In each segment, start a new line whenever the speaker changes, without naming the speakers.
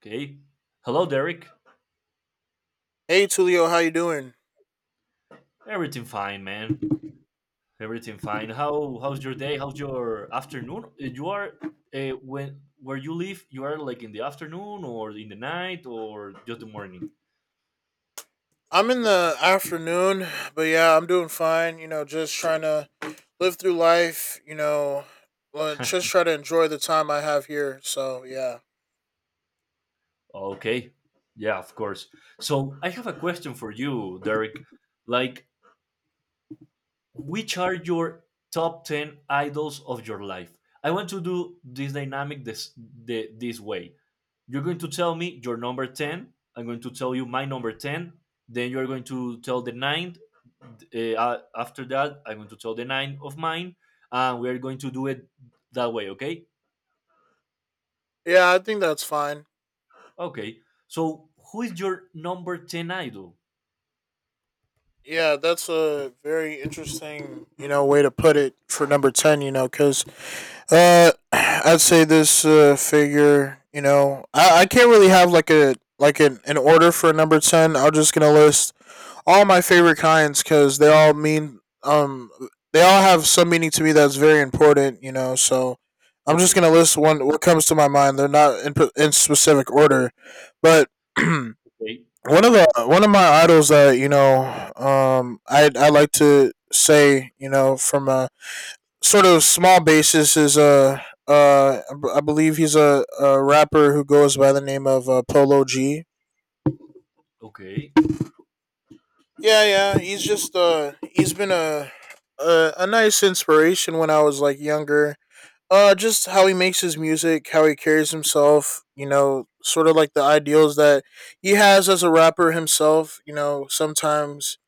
Okay. Hello, Derek.
Hey Tulio, how you doing?
Everything fine, man. Everything fine. How's your day? How's your afternoon? You are, when where you live? You are like in the afternoon or in the night or just the morning?
I'm in the afternoon, but yeah, I'm doing fine. You know, just trying to live through life. Just try to enjoy the time I have here. So yeah,
Okay. Yeah, of course. So I have a question for you, Derek. Like, which are your top 10 idols of your life? I want to do this dynamic this way. You're going to tell me your number 10. I'm going to tell you my number 10. Then you're going to tell the nine. After that, I'm going to tell the nine of mine. And we're going to do it that way, okay?
yeah, I think that's fine.
Okay. So, who is your number 10 idol?
Yeah, that's a very interesting, you know, way to put it for number ten. You know, because I'd say this figure. You know, I can't really have like a like an order for number ten. I'm just gonna list all my favorite kinds because they all mean they all have some meaning to me that's very important. You know, so I'm just
Okay.
gonna list one what comes to my mind. They're not in specific order, but one
Okay.
one of my idols that I like to say, you know, from a sort of small basis is a I believe he's a rapper who goes by the name of Polo G.
Okay.
Yeah, yeah. He's just he's been a nice inspiration when I was like younger. Just how he makes his music, how he carries himself, you know, sort of like the ideals that he has as a rapper himself. You know, sometimes,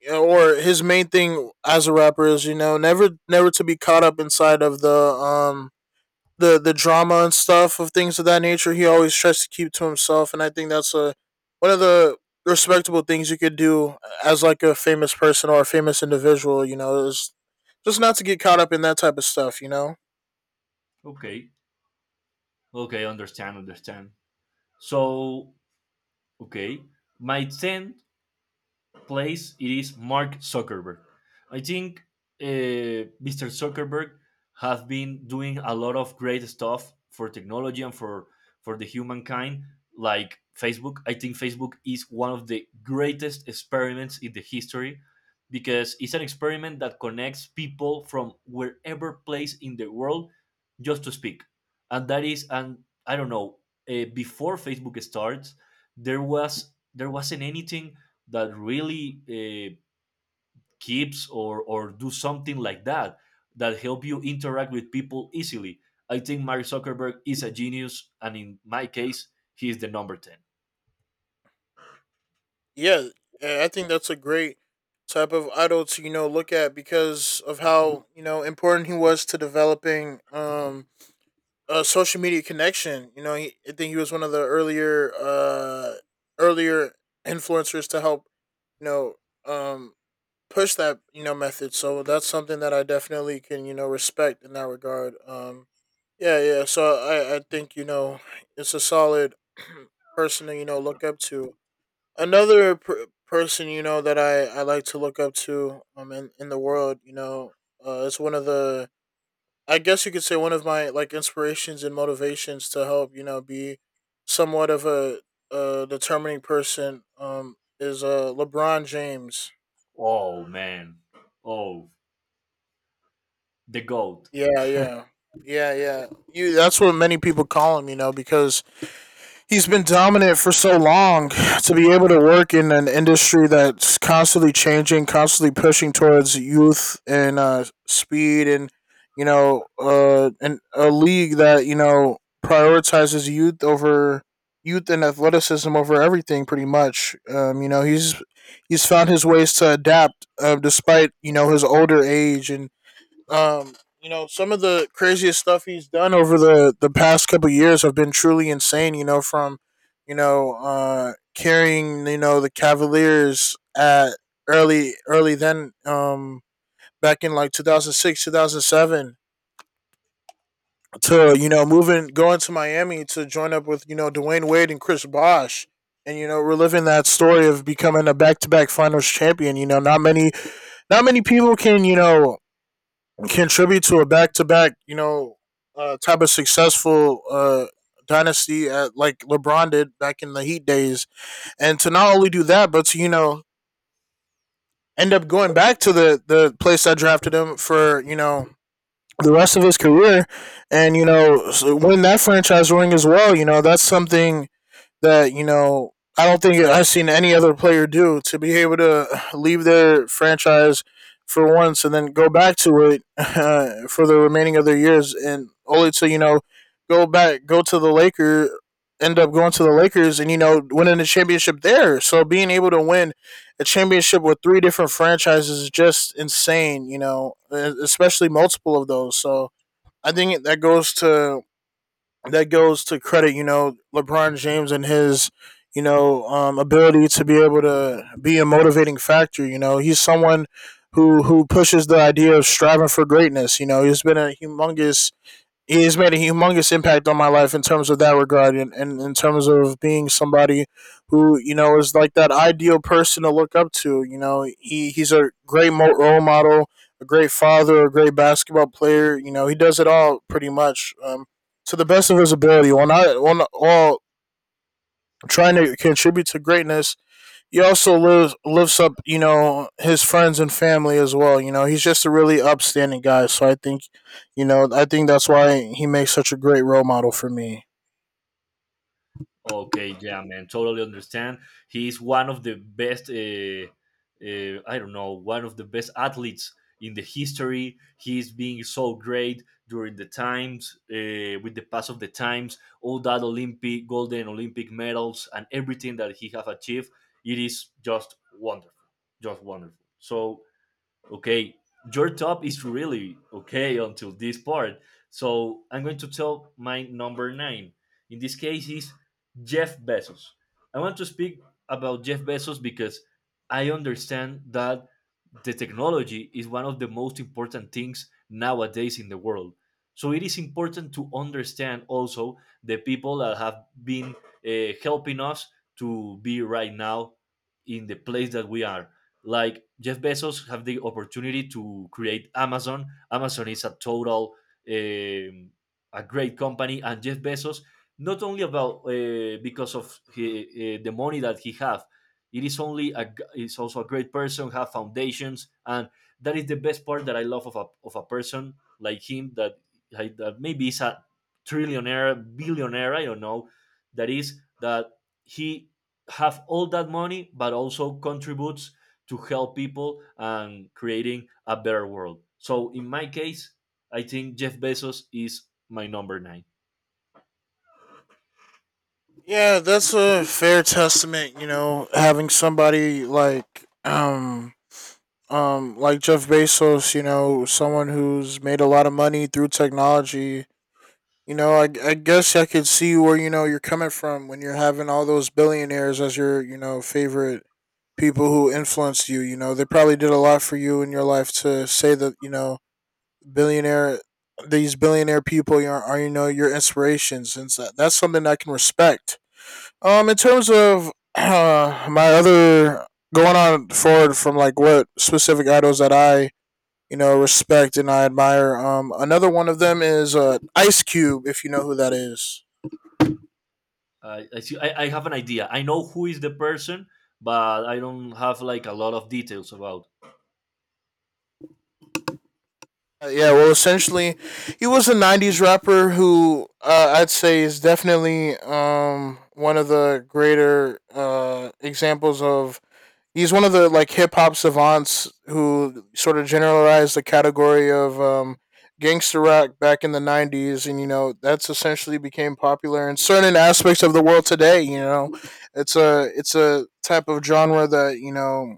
you know, or his main thing as a rapper is, you know, never to be caught up inside of the um the drama and stuff of things of that nature. He always tries to keep to himself, and I think that's a one of the respectable things you could do as like a famous person or a famous individual. You know, is just not to get caught up in that type of stuff. You know,
Okay. Okay. Understand. Understand. So, okay. My 10 place, it is Mark Zuckerberg. I think Mr. Zuckerberg has been doing a lot of great stuff for technology and for the humankind, like Facebook. I think Facebook is one of the greatest experiments in the history because it's an experiment that connects people from wherever place in the world just to speak. And that is, and I don't know, before Facebook starts, there wasn't anything that really keeps or do something like that that help you interact with people easily. I think Mark Zuckerberg is a genius, and in my case, he is the number 10.
yeah, yeah, I think that's a great type of idol to, you know, look at because of how, you know, important he was to developing a social media connection. You know, he, I think he was one of the earlier influencers to help, you know, um, push that, you know, method. So that's something that I definitely can, you know, respect in that regard. Yeah, yeah. So I think, you know, it's a solid person to, you know, look up to. Another person, you know, that I like to look up to, in the world, you know, it's one of the, I guess you could say, one of my like inspirations and motivations to help, you know, be somewhat of a determining person, is LeBron James.
Oh man, oh, the goat.
Yeah, yeah. Yeah, yeah. You that's what many people call him, you know, because he's been dominant for so long to be able to work in an industry that's constantly changing, constantly pushing towards youth and speed and, you know, and a league that, you know, prioritizes youth over youth and athleticism over everything pretty much. You know, he's found his ways to adapt despite, you know, his older age and, um, you know, some of the craziest stuff he's done over the past couple of years have been truly insane. You know, from, you know, carrying, you know, the Cavaliers at early, then back in like 2006 2007, to, you know, moving going to Miami to join up with, you know, Dwayne Wade and Chris Bosh, and, you know, reliving that story of becoming a back-to-back finals champion. You know, not many people can, you know, contribute to a back to back, you know, type of successful dynasty at, like LeBron did back in the Heat days. And to not only do that, but to, you know, end up going back to the place that drafted him for, you know, the rest of his career and, you know, win that franchise ring as well. You know, that's something that, you know, I don't think I've seen any other player do, to be able to leave their franchise for once and then go back to it for the remaining of their years and only to, you know, go to the Lakers, end up going to the Lakers and, you know, winning the championship there. So being able to win a championship with three different franchises is just insane, you know, e-, especially multiple of those. So I think that goes to credit, you know, LeBron James and his, you know, ability to be able to be a motivating factor. You know, he's someone who pushes the idea of striving for greatness. You know, he has made a humongous impact on my life in terms of that regard and in terms of being somebody who, you know, is like that ideal person to look up to. You know, he, he's a great role model, a great father, a great basketball player. You know, he does it all pretty much, to the best of his ability while not while, while trying to contribute to greatness. He also lives lifts up, you know, his friends and family as well. You know, he's just a really upstanding guy. So I think, you know, I think that's why he makes such a great role model for me.
Okay, yeah, man, totally understand. He is one of the best. I don't know, one of the best athletes in the history. He's being so great during the times, with the pass of the times, all that Olympic golden Olympic medals and everything that he have achieved. It is just wonderful, just wonderful. So okay, your top is really okay until this part. So I'm going to tell my number nine. In this case is Jeff Bezos. I want to speak about Jeff Bezos because I understand that the technology is one of the most important things nowadays in the world. So it is important to understand also the people that have been helping us to be right now in the place that we are, like Jeff Bezos have the opportunity to create Amazon. Amazon is a total um, a great company. And Jeff Bezos, not only about because of he, the money that he have, it is only a, is also a great person, have foundations, and that is the best part that I love of a person like him, that, like, that maybe is a trillionaire, billionaire, I don't know, that is that he have all that money but also contributes to help people and creating a better world. So in my case, I think Jeff Bezos is my number nine.
Yeah, that's a fair testament. You know, having somebody like Jeff Bezos, you know, someone who's made a lot of money through technology. You know, I guess I could see where, you know, you're coming from when you're having all those billionaires as your, you know, favorite people who influenced you. You know, they probably did a lot for you in your life to say that, you know, billionaire these billionaire people are, you know, your inspirations, and so that's something I can respect. In terms of my other, going on forward from like what specific idols that I, you know, respect and I admire. Another one of them is Ice Cube, if you know who that is.
See, I have an idea. I know who is the person, but I don't have like a lot of details about.
Yeah, well, essentially, he was a '90s rapper who, I'd say, is definitely, one of the greater examples of. He's one of the like hip hop savants who sort of generalized the category of, gangster rock back in the '90s, and you know that's essentially became popular in certain aspects of the world today. You know, it's a type of genre that, you know,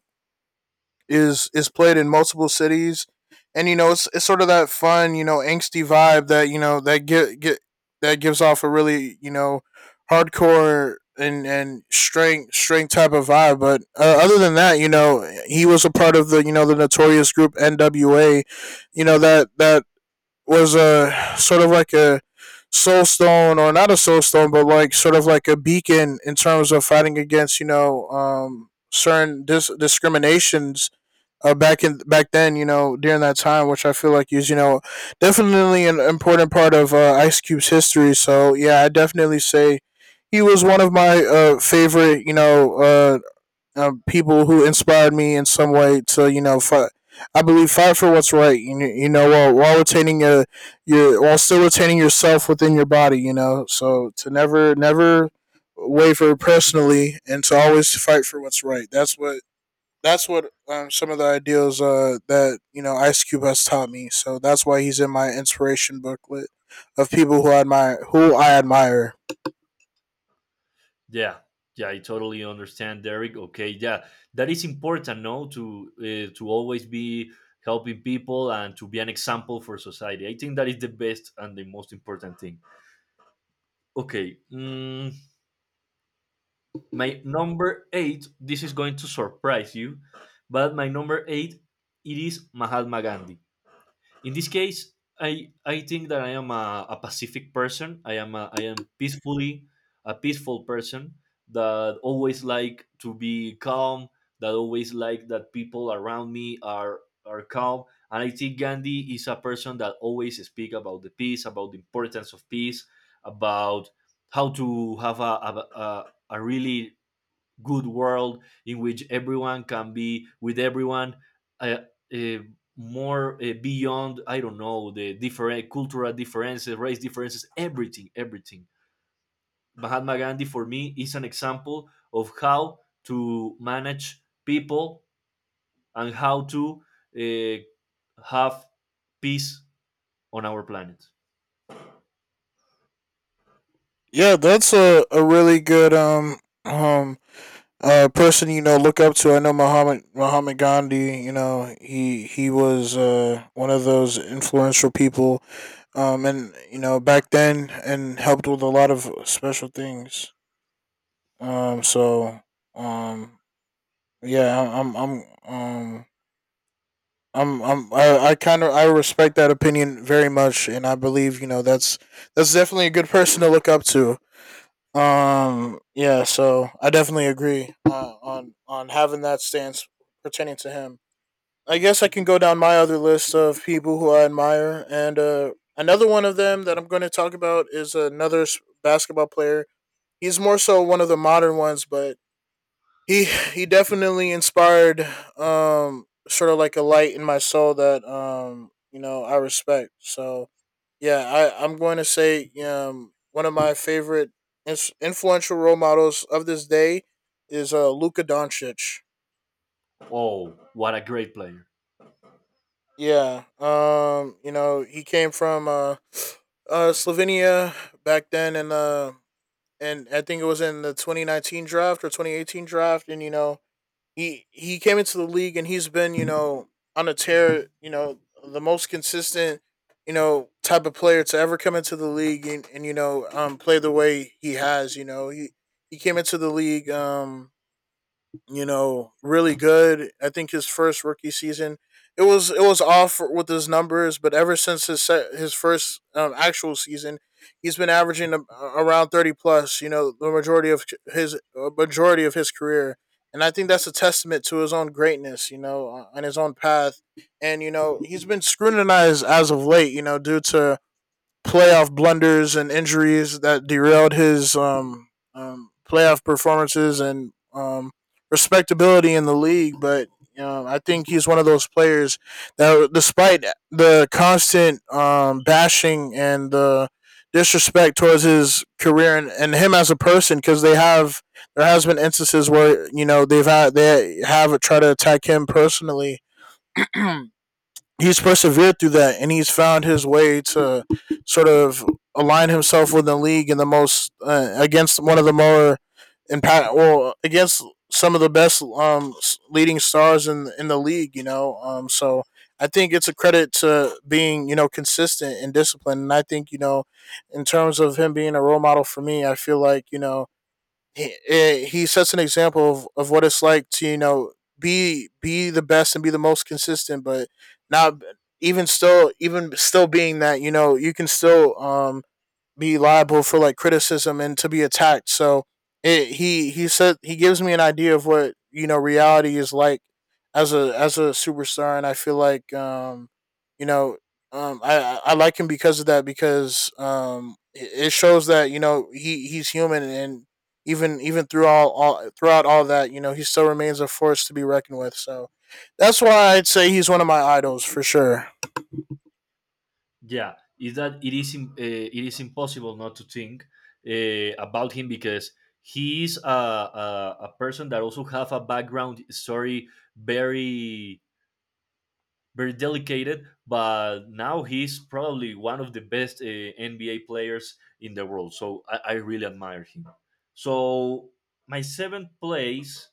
is played in multiple cities, and you know it's sort of that fun, you know, angsty vibe that, you know, that get that gives off a really, you know, hardcore and strength type of vibe. But other than that, you know, he was a part of the, you know, the notorious group NWA, you know, that was a sort of like a soulstone or not a soulstone, but like sort of like a beacon in terms of fighting against, you know, um, certain discriminations, back then, you know, during that time, which I feel like is, you know, definitely an important part of, Ice Cube's history. So yeah, I definitely say he was one of my favorite, you know, people who inspired me in some way to, you know, fight. I believe, fight for what's right. You know, while retaining your while still retaining yourself within your body. You know, so to never waver personally and to always fight for what's right. That's what, some of the ideals that, you know, Ice Cube has taught me. So that's why he's in my inspiration booklet of people who I admire, who I admire.
Yeah, yeah, I totally understand, Derek. Okay, yeah, that is important, no, to to always be helping people and to be an example for society. I think that is the best and the most important thing. Okay. My number eight, this is going to surprise you, but my number eight, it is Mahatma Gandhi. In this case, I think that I am a pacific person. I am a, I am peacefully a peaceful person that always like to be calm, that always like that people around me are calm. And I think Gandhi is a person that always speak about the peace, about the importance of peace, about how to have a really good world in which everyone can be with everyone uh, uh, more, beyond, I don't know, the different cultural differences, race differences, everything everything. Mahatma Gandhi for me is an example of how to manage people and how to have peace on our planet.
Yeah, that's a really good um person, you know, look up to. I know Muhammad Gandhi. You know, he was one of those influential people. Um, and you know back then, and helped with a lot of special things. So um yeah I- I'm, I kind of, I respect that opinion very much, and I believe, you know, that's definitely a good person to look up to. Yeah, so I definitely agree, on having that stance pertaining to him. I guess I can go down my other list of people who I admire, and, another one of them that I'm going to talk about is another basketball player. He's more so one of the modern ones, but he he definitely inspired, um, sort of like a light in my soul that, um, you know, I respect. So yeah, I'm going to say, um, one of my favorite influential role models of this day is Luka Doncic.
Oh, what a great player.
Yeah, he came from Slovenia back then and I think it was in the 2019 draft or 2018 draft, and he came into the league and he's been, on a tear. The most consistent, type of player to ever come into the league, and play the way he has. He he came into the league, really good. I think his first rookie season, it was off with his numbers, but ever since his set, his first, actual season, he's been averaging around 30 plus. The majority of his, majority of his career, and I think that's a testament to his own greatness. And his own path, and he's been scrutinized as of late, due to playoff blunders and injuries that derailed his, playoff performances and respectability in the league. But you I think he's one of those players that, despite the constant, bashing and the disrespect towards his career, and him as a person, because they have there has been instances where they have tried to attack him personally. He's persevered through that, and he's found his way to sort of align himself with the league in the most, against one of the more impact well against some of the best, leading stars in the league, so I think it's a credit to being, consistent and disciplined. And I think, in terms of him being a role model for me, I feel like, he sets an example of, what it's like to, be the best and be the most consistent. But not, even still being that, you can still, be liable for like criticism and to be attacked. So he said he gives me an idea of what, reality is like as a superstar. And I feel like, you know I like him because of that, because, it shows that, he's human, and even through all throughout all that, he still remains a force to be reckoned with. So that's why I'd say he's one of my idols for sure.
Yeah, is that, it is impossible not to think, about him because he is a person that also have a background story, very very delicate, but now he's probably one of the best NBA players in the world. So I really admire him. So my seventh place.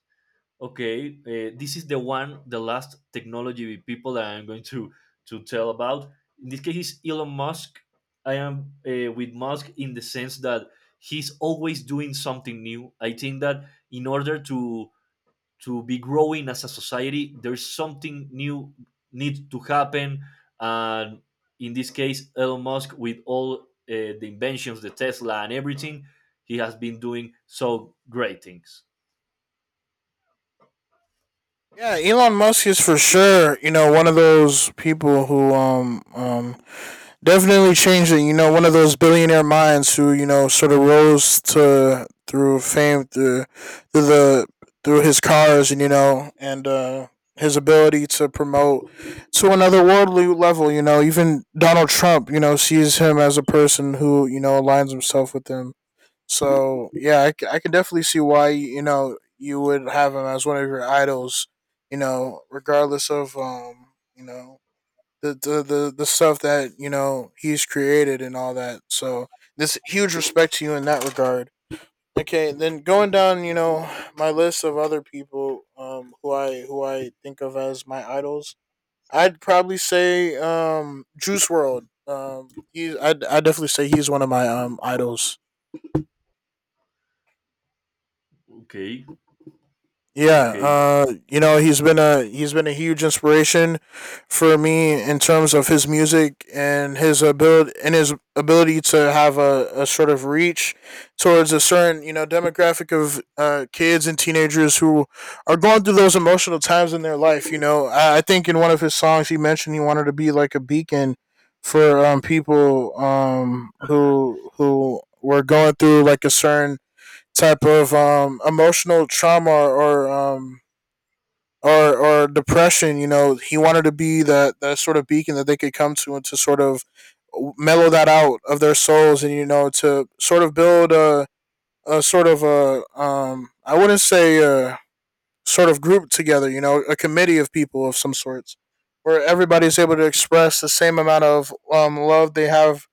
Okay, this is the one, the last technology people that I'm going to tell about. In this case is Elon Musk. I am, with Musk in the sense that he's always doing something new. I think that in order to be growing as a society, there's something new need to happen. And in this case, Elon Musk, with all the inventions, the Tesla and everything, he has been doing so great things.
Yeah, Elon Musk is for sure, you know, one of those people who, definitely changed it. You know, one of those billionaire minds who, you know, sort of rose to through fame through through the through his cars, and you know, and, his ability to promote to another worldly level. You know, even Donald Trump, you know, sees him as a person who, you know, aligns himself with him. So yeah, I, I can definitely see why, you know, you would have him as one of your idols. You know, regardless of, you know the stuff that, you know, he's created and all that. So this huge respect to you in that regard. Okay, then going down, you know, my list of other people, who I, think of as my idols, I'd probably say, Juice World. He's, I definitely say he's one of my, idols.
Okay.
Yeah,
Okay.
you know, he's been a huge inspiration for me in terms of his music and his ability, to have a, sort of reach towards a certain, you know, demographic of, kids and teenagers who are going through those emotional times in their life. You know, I think in one of his songs he mentioned he wanted to be like a beacon for, people, who were going through like a certain type of, emotional trauma or, or depression. You know, he wanted to be that sort of beacon that they could come to, and to sort of mellow that out of their souls, and you know, to sort of build a, sort of a, I wouldn't say a sort of, group together. You know, a committee of people of some sorts, where everybody's able to express the same amount of, love they have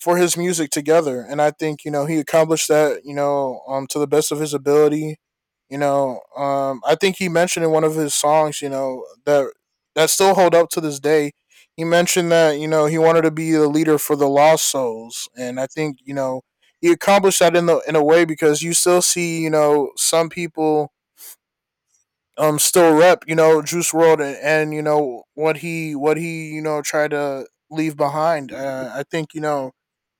for his music together. And I think, you know, he accomplished that, you know, to the best of his ability. You know, I think he mentioned in one of his songs, you know, that, still hold up to this day. He mentioned that, you know, he wanted to be the leader for the lost souls. And I think, you know, he accomplished that in the, in a way, because you still see, you know, some people, still rep, you know, Juice World, and, you know what he, you know, tried to leave behind. I think, you know,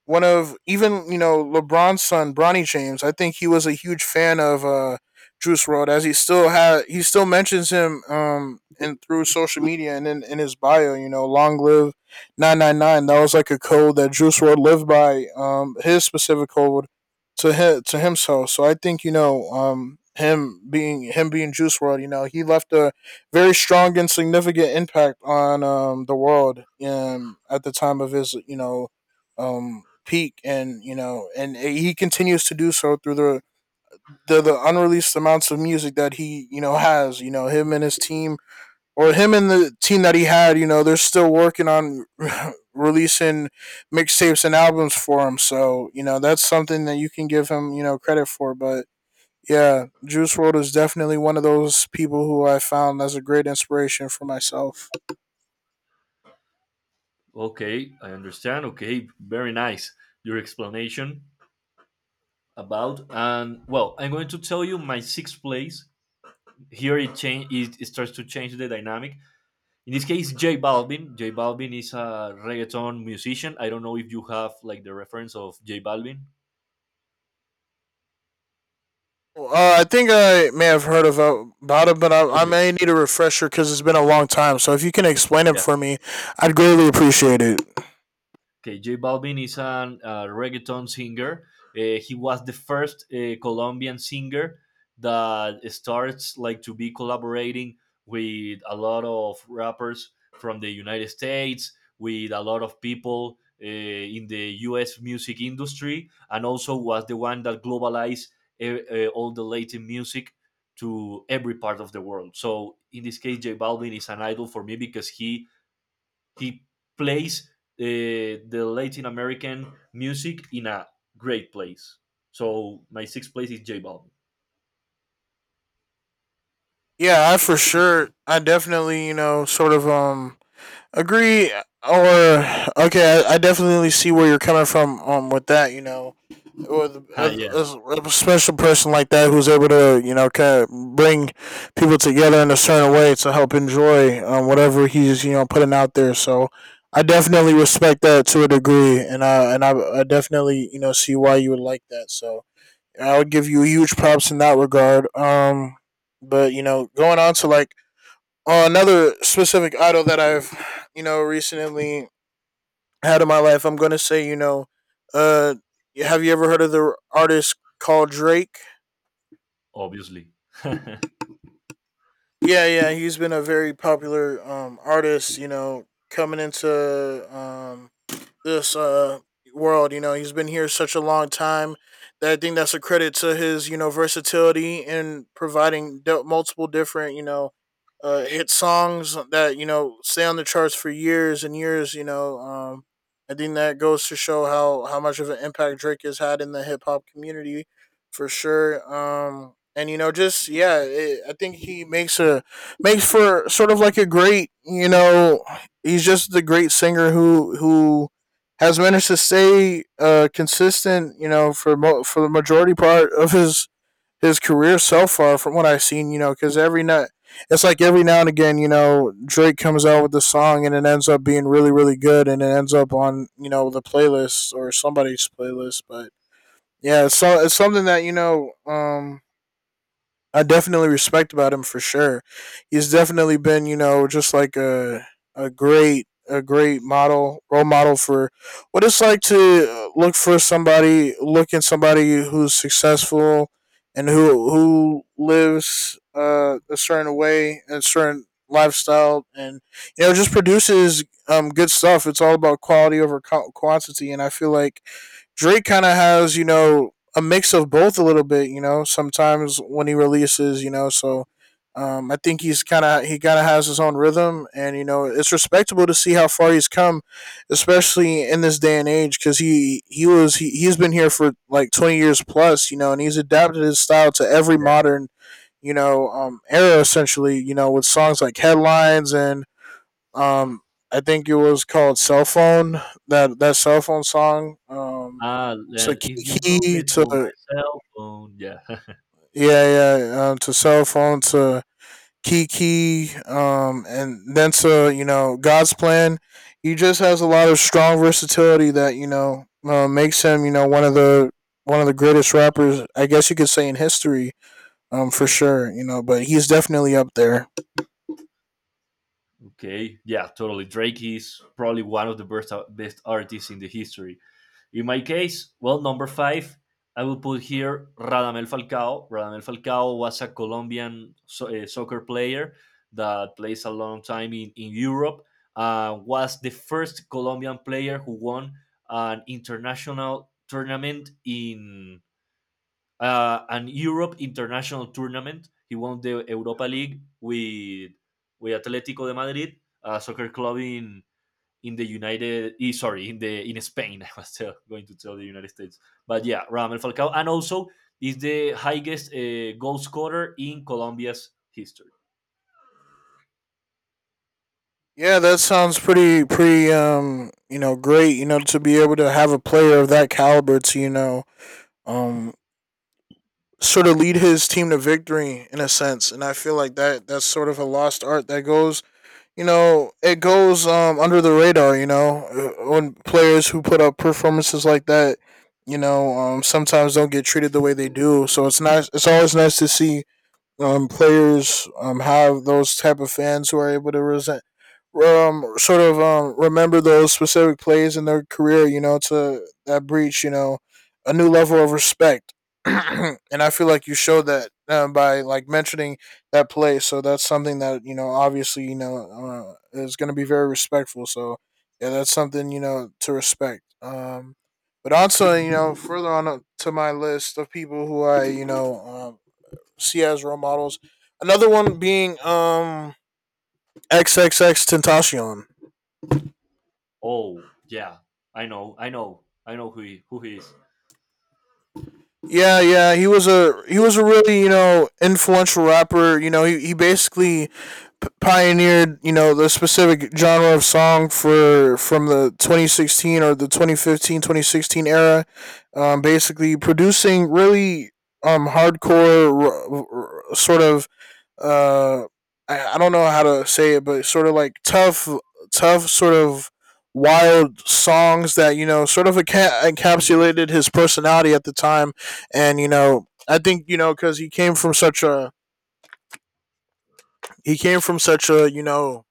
one of, even you know LeBron's son Bronny James, I think he was a huge fan of, Juice World, as he still had, he still mentions him, and through social media, and in, his bio. You know, long live 999. That was like a code that Juice World lived by. His specific code to him, to himself. So I think, you know, him being Juice World, you know, he left a very strong and significant impact on, the world, at the time of his, you know, peak. And you know, and, he continues to do so through the, the unreleased amounts of music that he, you know, has, you know, him and his team, or him and the team that he had you know, they're still working on releasing mixtapes and albums for him. So you know, that's something that you can give him, you know, credit for. But yeah, Juice World is definitely one of those people who I found as a great inspiration for myself.
Okay, I understand. Okay, very nice your explanation about. And well, I'm going to tell you my sixth place. Here it starts to change the dynamic. In this case, J Balvin. J Balvin is a reggaeton musician. I don't know if you have like the reference of J Balvin.
Well, I think I may have heard of, about it, but I
Okay.
may need a refresher because it's been a long time. So if you can explain it
Yeah.
for me, I'd greatly appreciate it.
Okay, J Balvin is an reggaeton singer. He was the first Colombian singer that starts like to be collaborating with a lot of rappers from the United States, with a lot of people in the U.S. music industry, and also was the one that globalized uh, all the Latin music to every part of the world. So in this case, J Balvin is an idol for me because he plays the Latin American music in a great place. So my sixth place is J Balvin.
Yeah, I for sure, I definitely, you know, sort of, agree. Or okay, I definitely see where you're coming from, with that, you know. Or a,
Ah, yeah,
special person like that who's able to, you know, kind of bring people together in a certain way to help enjoy, whatever he's, you know, putting out there. So I definitely respect that to a degree, and I definitely, you know, see why you would like that. So I would give you huge props in that regard. But you know, going on to like, another specific idol that I've, you know, recently had in my life, I'm gonna say, you know, uh, have you ever heard of the artist called Drake?
obviously. Yeah.
Yeah, he's been a very popular, artist. You know, coming into, um this world. You know, he's been here such a long time that I think that's a credit to his, you know, versatility in providing, multiple different, you know, hit songs that, you know, stay on the charts for years and years. You know, I think that goes to show how, much of an impact Drake has had in the hip hop community for sure. And you know, just yeah, I think he makes a, makes for sort of like a great, you know, he's just the great singer who, has managed to stay, consistent, you know, for, for the majority part of his, career so far, from what I've seen, you know. Because every night, it's like every now and again, you know, Drake comes out with the song, and it ends up being really really good, and it ends up on, you know, the playlist or somebody's playlist. But yeah, so it's something that, you know, I definitely respect about him for sure. He's definitely been, you know, just like a, a great, model role model for what it's like to look for somebody, look in somebody who's successful and who, lives, a certain way and a certain lifestyle. And you know, just produces, good stuff. It's all about quality over quantity. And I feel like Drake kind of has, you know, a mix of both a little bit, you know, sometimes when he releases, you know. So I think he's kind of, has his own rhythm. And you know, it's respectable to see how far he's come, especially in this day and age. Because he was he he's been here for like 20 years plus, you know, and he's adapted his style to every modern, era essentially. You know, with songs like Headlines and um, I think it was called Cell Phone, that cell phone song.
Ah,
To
then if you come
Kiki
to my
to
cell phone, yeah.
yeah to cell phone to Kiki, and then to God's Plan. He just has a lot of strong versatility that makes him, you know, one of the greatest rappers, I guess you could say, in history, for sure, you know, but he's definitely up there.
Okay, yeah, totally. Drake is probably one of the best best artists in the history. In my case, well, number five, I will put here Radamel Falcao. Radamel Falcao was a Colombian soccer player that plays a long time in Europe. Was the first Colombian player who won an international tournament in an Europe international tournament. He won the Europa League with Atletico de Madrid, a soccer club in the United. Sorry, in the, in Spain. I was going to tell the United States, but yeah, Ramel Falcao, and also is the highest goal scorer in Colombia's history.
Yeah, that sounds pretty, you know, great, you know, to be able to have a player of that caliber to, you know, um sort of lead his team to victory in a sense. And I feel like that's sort of a lost art that goes, you know, it goes, under the radar. You know, when players who put up performances like that, you know, sometimes don't get treated the way they do. So it's nice. It's always nice to see players have those type of fans who are able to resent, remember those specific plays in their career. You know, to that breach. You know, a new level of respect, and I feel like you showed that by like mentioning that play. So that's something that, you know, obviously, you know, is going to be very respectful. So yeah, that's something, you know, to respect. But also, you know, further on up to my list of people who I, you know, see as role models. Another one being XXX Tentacion.
Oh yeah, I know, I know, I know who he is.
Yeah, yeah, he was a really, you know, influential rapper. You know, he basically pioneered, you know, the specific genre of song for from the 2016 or the 2015 2016 era. Basically producing really hardcore, sort of, uh I don't know how to say it, but sort of like tough, tough sort of wild songs that, you know, sort of encapsulated his personality at the time, and you know I think, you know, because he came from such a you know,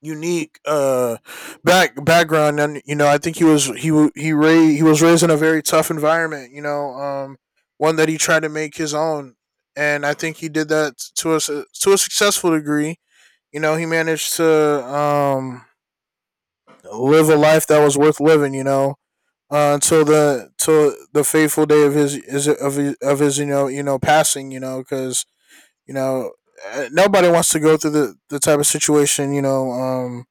unique, background, and you know, I think he was he was raised in a very tough environment, you know, one that he tried to make his own, and I think he did that to a successful degree. You know, he managed to, live a life that was worth living. You know, until the till the fateful day of his is of his, of his, you know, you know, passing. You know, because, you know, nobody wants to go through the type of situation, you know,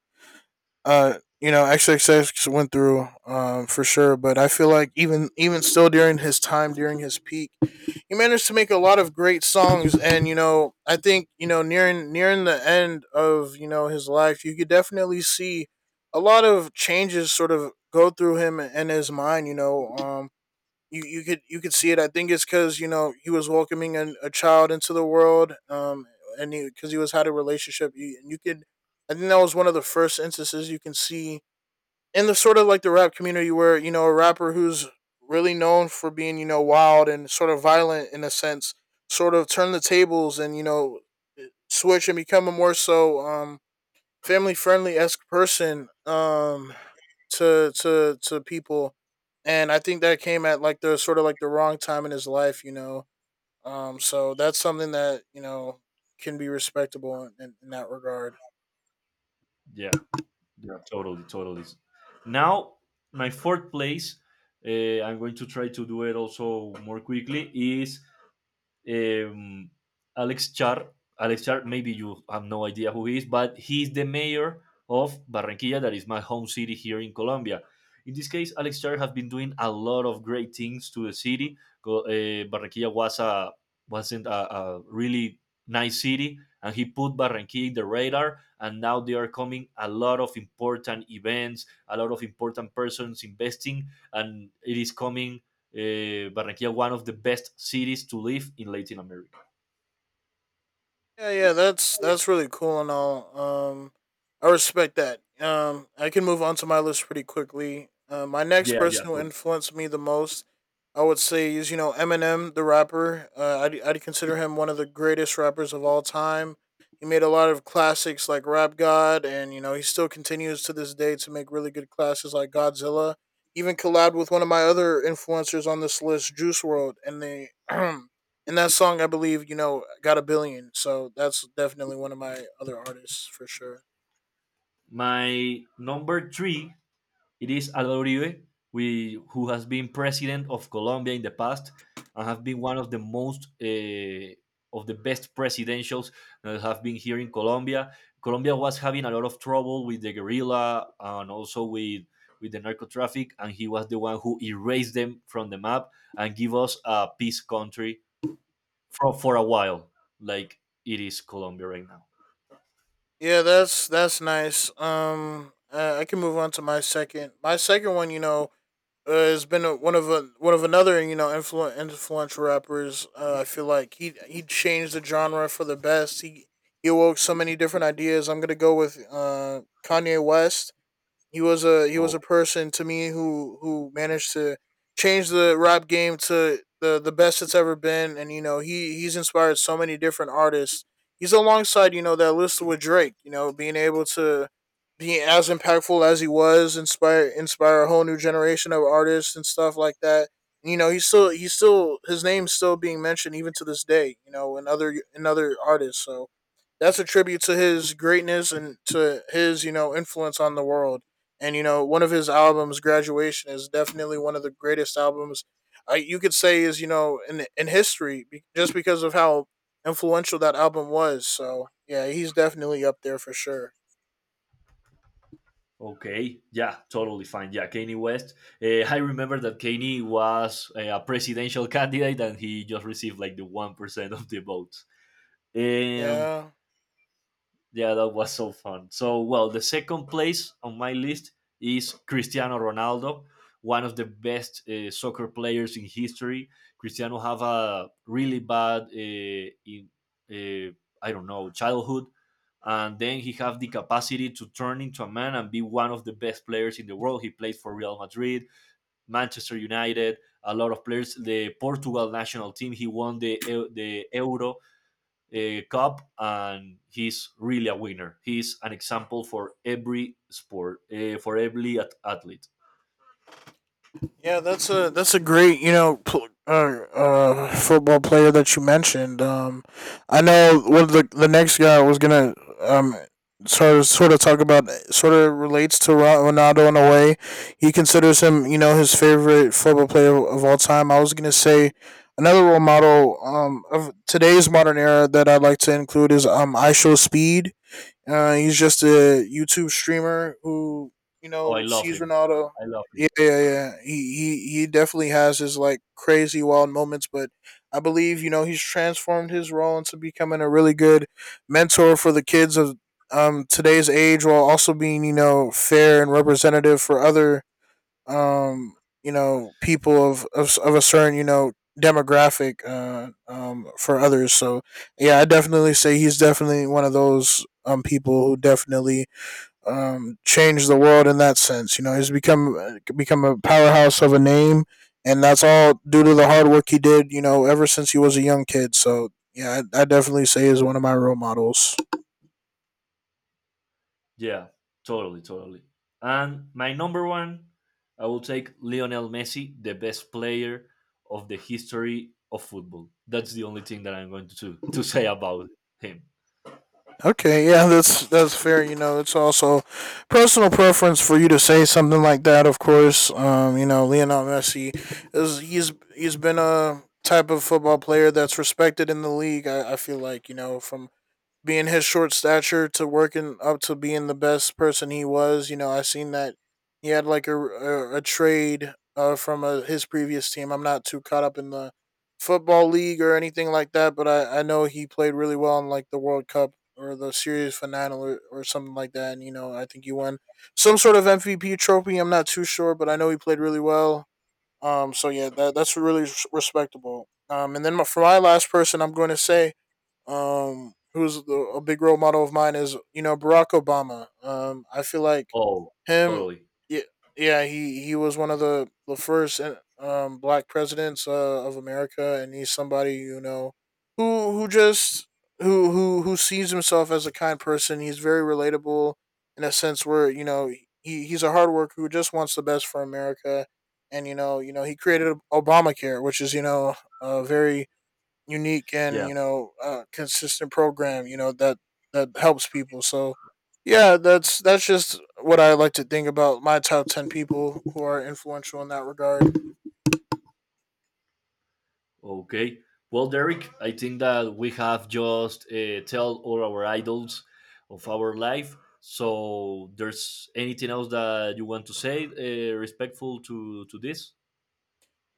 uh you know, XXX went through, for sure. But I feel like even, still, during his time, during his peak, he managed to make a lot of great songs, and you know, I think, you know, nearing, the end of, you know, his life, you could definitely see a lot of changes sort of go through him and his mind, you know, you could, see it. I think it's because, you know, he was welcoming a child into the world, and because he was had a relationship, and you could, I think that was one of the first instances you can see in the sort of like the rap community, where, you know, a rapper who's really known for being, you know, wild and sort of violent in a sense, sort of turn the tables and, you know, switch and become a more so, family friendly esque person, to people. And I think that came at like the sort of like the wrong time in his life, you know, so that's something that, you know, can be respectable in that regard.
Yeah, yeah. Totally, totally. Now, my fourth place, I'm going to try to do it also more quickly, is um, Alex Char. Alex Char, maybe you have no idea who he is, but he's the mayor of Barranquilla, that is my home city here in Colombia. In this case, Alex Char has been doing a lot of great things to the city. Barranquilla wasn't a really nice city, and he put Barranquilla in the radar. And now they are coming a lot of important events, a lot of important persons investing, and it is coming, Barranquilla, one of the best cities to live in Latin America.
Yeah, yeah, that's really cool and all. I respect that. I can move on to my list pretty quickly. My next
Yeah, yeah,
person who
totally.
influenced me the most, I would say, is, you know, Eminem, the rapper. I'd consider him one of the greatest rappers of all time. He made a lot of classics like Rap God, and you know, he still continues to this day to make really good classes like Godzilla. Even collabed with one of my other influencers on this list, Juice World, and they and that song, I believe, you know, got a billion. So that's definitely one of my other artists for sure.
My number three, it is Álvaro Uribe, who has been president of Colombia in the past and have been one of the most of the best presidentials that have been here in Colombia. Colombia was having a lot of trouble with the guerrilla and also with the narco traffic, and he was the one who erased them from the map and give us a peace country for a while, like it is Colombia right now.
Yeah, that's nice. I can move on to my second. My second one, you know, has been one of another, you know, influential rappers. I feel like he changed the genre for the best. He awoke so many different ideas. I'm gonna go with Kanye West. He was a
Oh,
person to me who managed to change the rap game to the best it's ever been, and you know, he's inspired so many different artists. He's alongside, you know, that list with Drake. You know, being able to be as impactful as he was, inspire, a whole new generation of artists and stuff like that. And, you know, he's still his name's still being mentioned even to this day. You know, in other, artists. So that's a tribute to his greatness and to his, you know, influence on the world. And, you know, one of his albums, Graduation, is definitely one of the greatest albums, you could say, is, you know, in, history, just because of how influential that album was. So yeah, he's definitely up there for sure.
okay, yeah, totally fine. Yeah, Kanye West. I remember that Kanye was a presidential candidate, and he just received like the 1% of the votes. Um,
Yeah.
Yeah, that was so fun. So, well, the second place on my list is Cristiano Ronaldo, one of the best soccer players in history. Cristiano have a really bad, uh, I don't know, childhood, and then he have the capacity to turn into a man and be one of the best players in the world. He played for Real Madrid, Manchester United, a lot of players. The Portugal national team, he won the the Euro cup, and he's really a winner. He's an example for every sport, for every athlete.
Yeah, that's a great, you know, football player that you mentioned. I know what the next guy was gonna, um sort of talk about sort of relates to Ronaldo in a way. He considers him, you know, his favorite football player of all time. I was gonna say another role model, of today's modern era, that I'd like to include is, I Show Speed. He's just a YouTube streamer who, you
Oh, I
know,
love
sees
him.
Ronaldo.
I love him.
Yeah, yeah, yeah. He definitely has his like crazy wild moments, but I believe, you know, he's transformed his role into becoming a really good mentor for the kids of, today's age, while also being, you know, fair and representative for other, um, you know, people of a certain, you know, demographic, for others. So, yeah, I definitely say he's definitely one of those, people who definitely, changed the world in that sense. You know, he's become, become a powerhouse of a name, and that's all due to the hard work he did, you know, ever since he was a young kid. So, yeah, I definitely say he's one of my role models.
Yeah, totally, totally. And my number one, I will take Lionel Messi, the best player of the history of football. That's the only thing that I'm going to say about him.
Okay, yeah, that's fair. You know, it's also personal preference for you to say something like that. Of course, you know, Lionel Messi is, he's been a type of football player that's respected in the league. I feel like, you know, from being his short stature to working up to being the best person he was. You know, I seen that he had like a trade, from his previous team. I'm not too caught up in the football league or anything like that, but I know he played really well in like the World Cup or the series finale, or something like that. And you know, I think he won some sort of MVP trophy. I'm not too sure, but I know he played really well. So yeah, that's really respectable. And then for my last person, I'm going to say, who's a big role model of mine is, you know, Barack Obama. I feel like
Oh,
him,
totally.
yeah, yeah, he was one of the first, Black presidents, of America, and he's somebody, you know, who just who sees himself as a kind person. He's very relatable in a sense where, you know, he's a hard worker who just wants the best for America. And you know, he created Obamacare, which is, you know, a very unique, and
Yeah.
you know, consistent program, you know, that helps people. So yeah, that's just what I like to think about my top 10 people who are influential in that regard.
Okay. Well, Derek, I think that we have just told all our idols of our life. So, there's anything else that you want to say, respectful to this,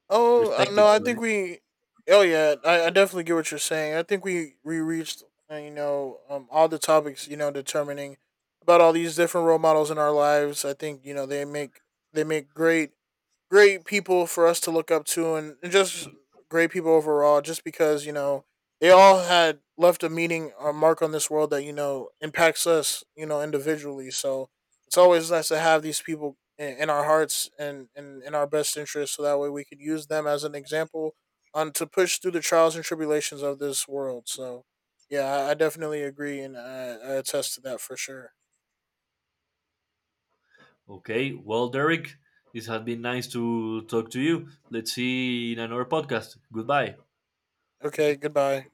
Oh
respective
no, I
to
think
this?
we, oh yeah, I definitely get what you're saying. I think we reached, you know, all the topics, you know, determining about all these different role models in our lives. I think, you know, they make great, people for us to look up to, and just great people overall, just because, you know, they all had left a meaning or mark on this world that, you know, impacts us, you know, individually. So it's always nice to have these people in, our hearts, and in our best interest, so that way we can use them as an example on to push through the trials and tribulations of this world. So yeah, I definitely agree, and I attest to that for sure.
Okay. Well, Derek, it has been nice to talk to you. Let's see in another podcast. Goodbye.
Okay, goodbye.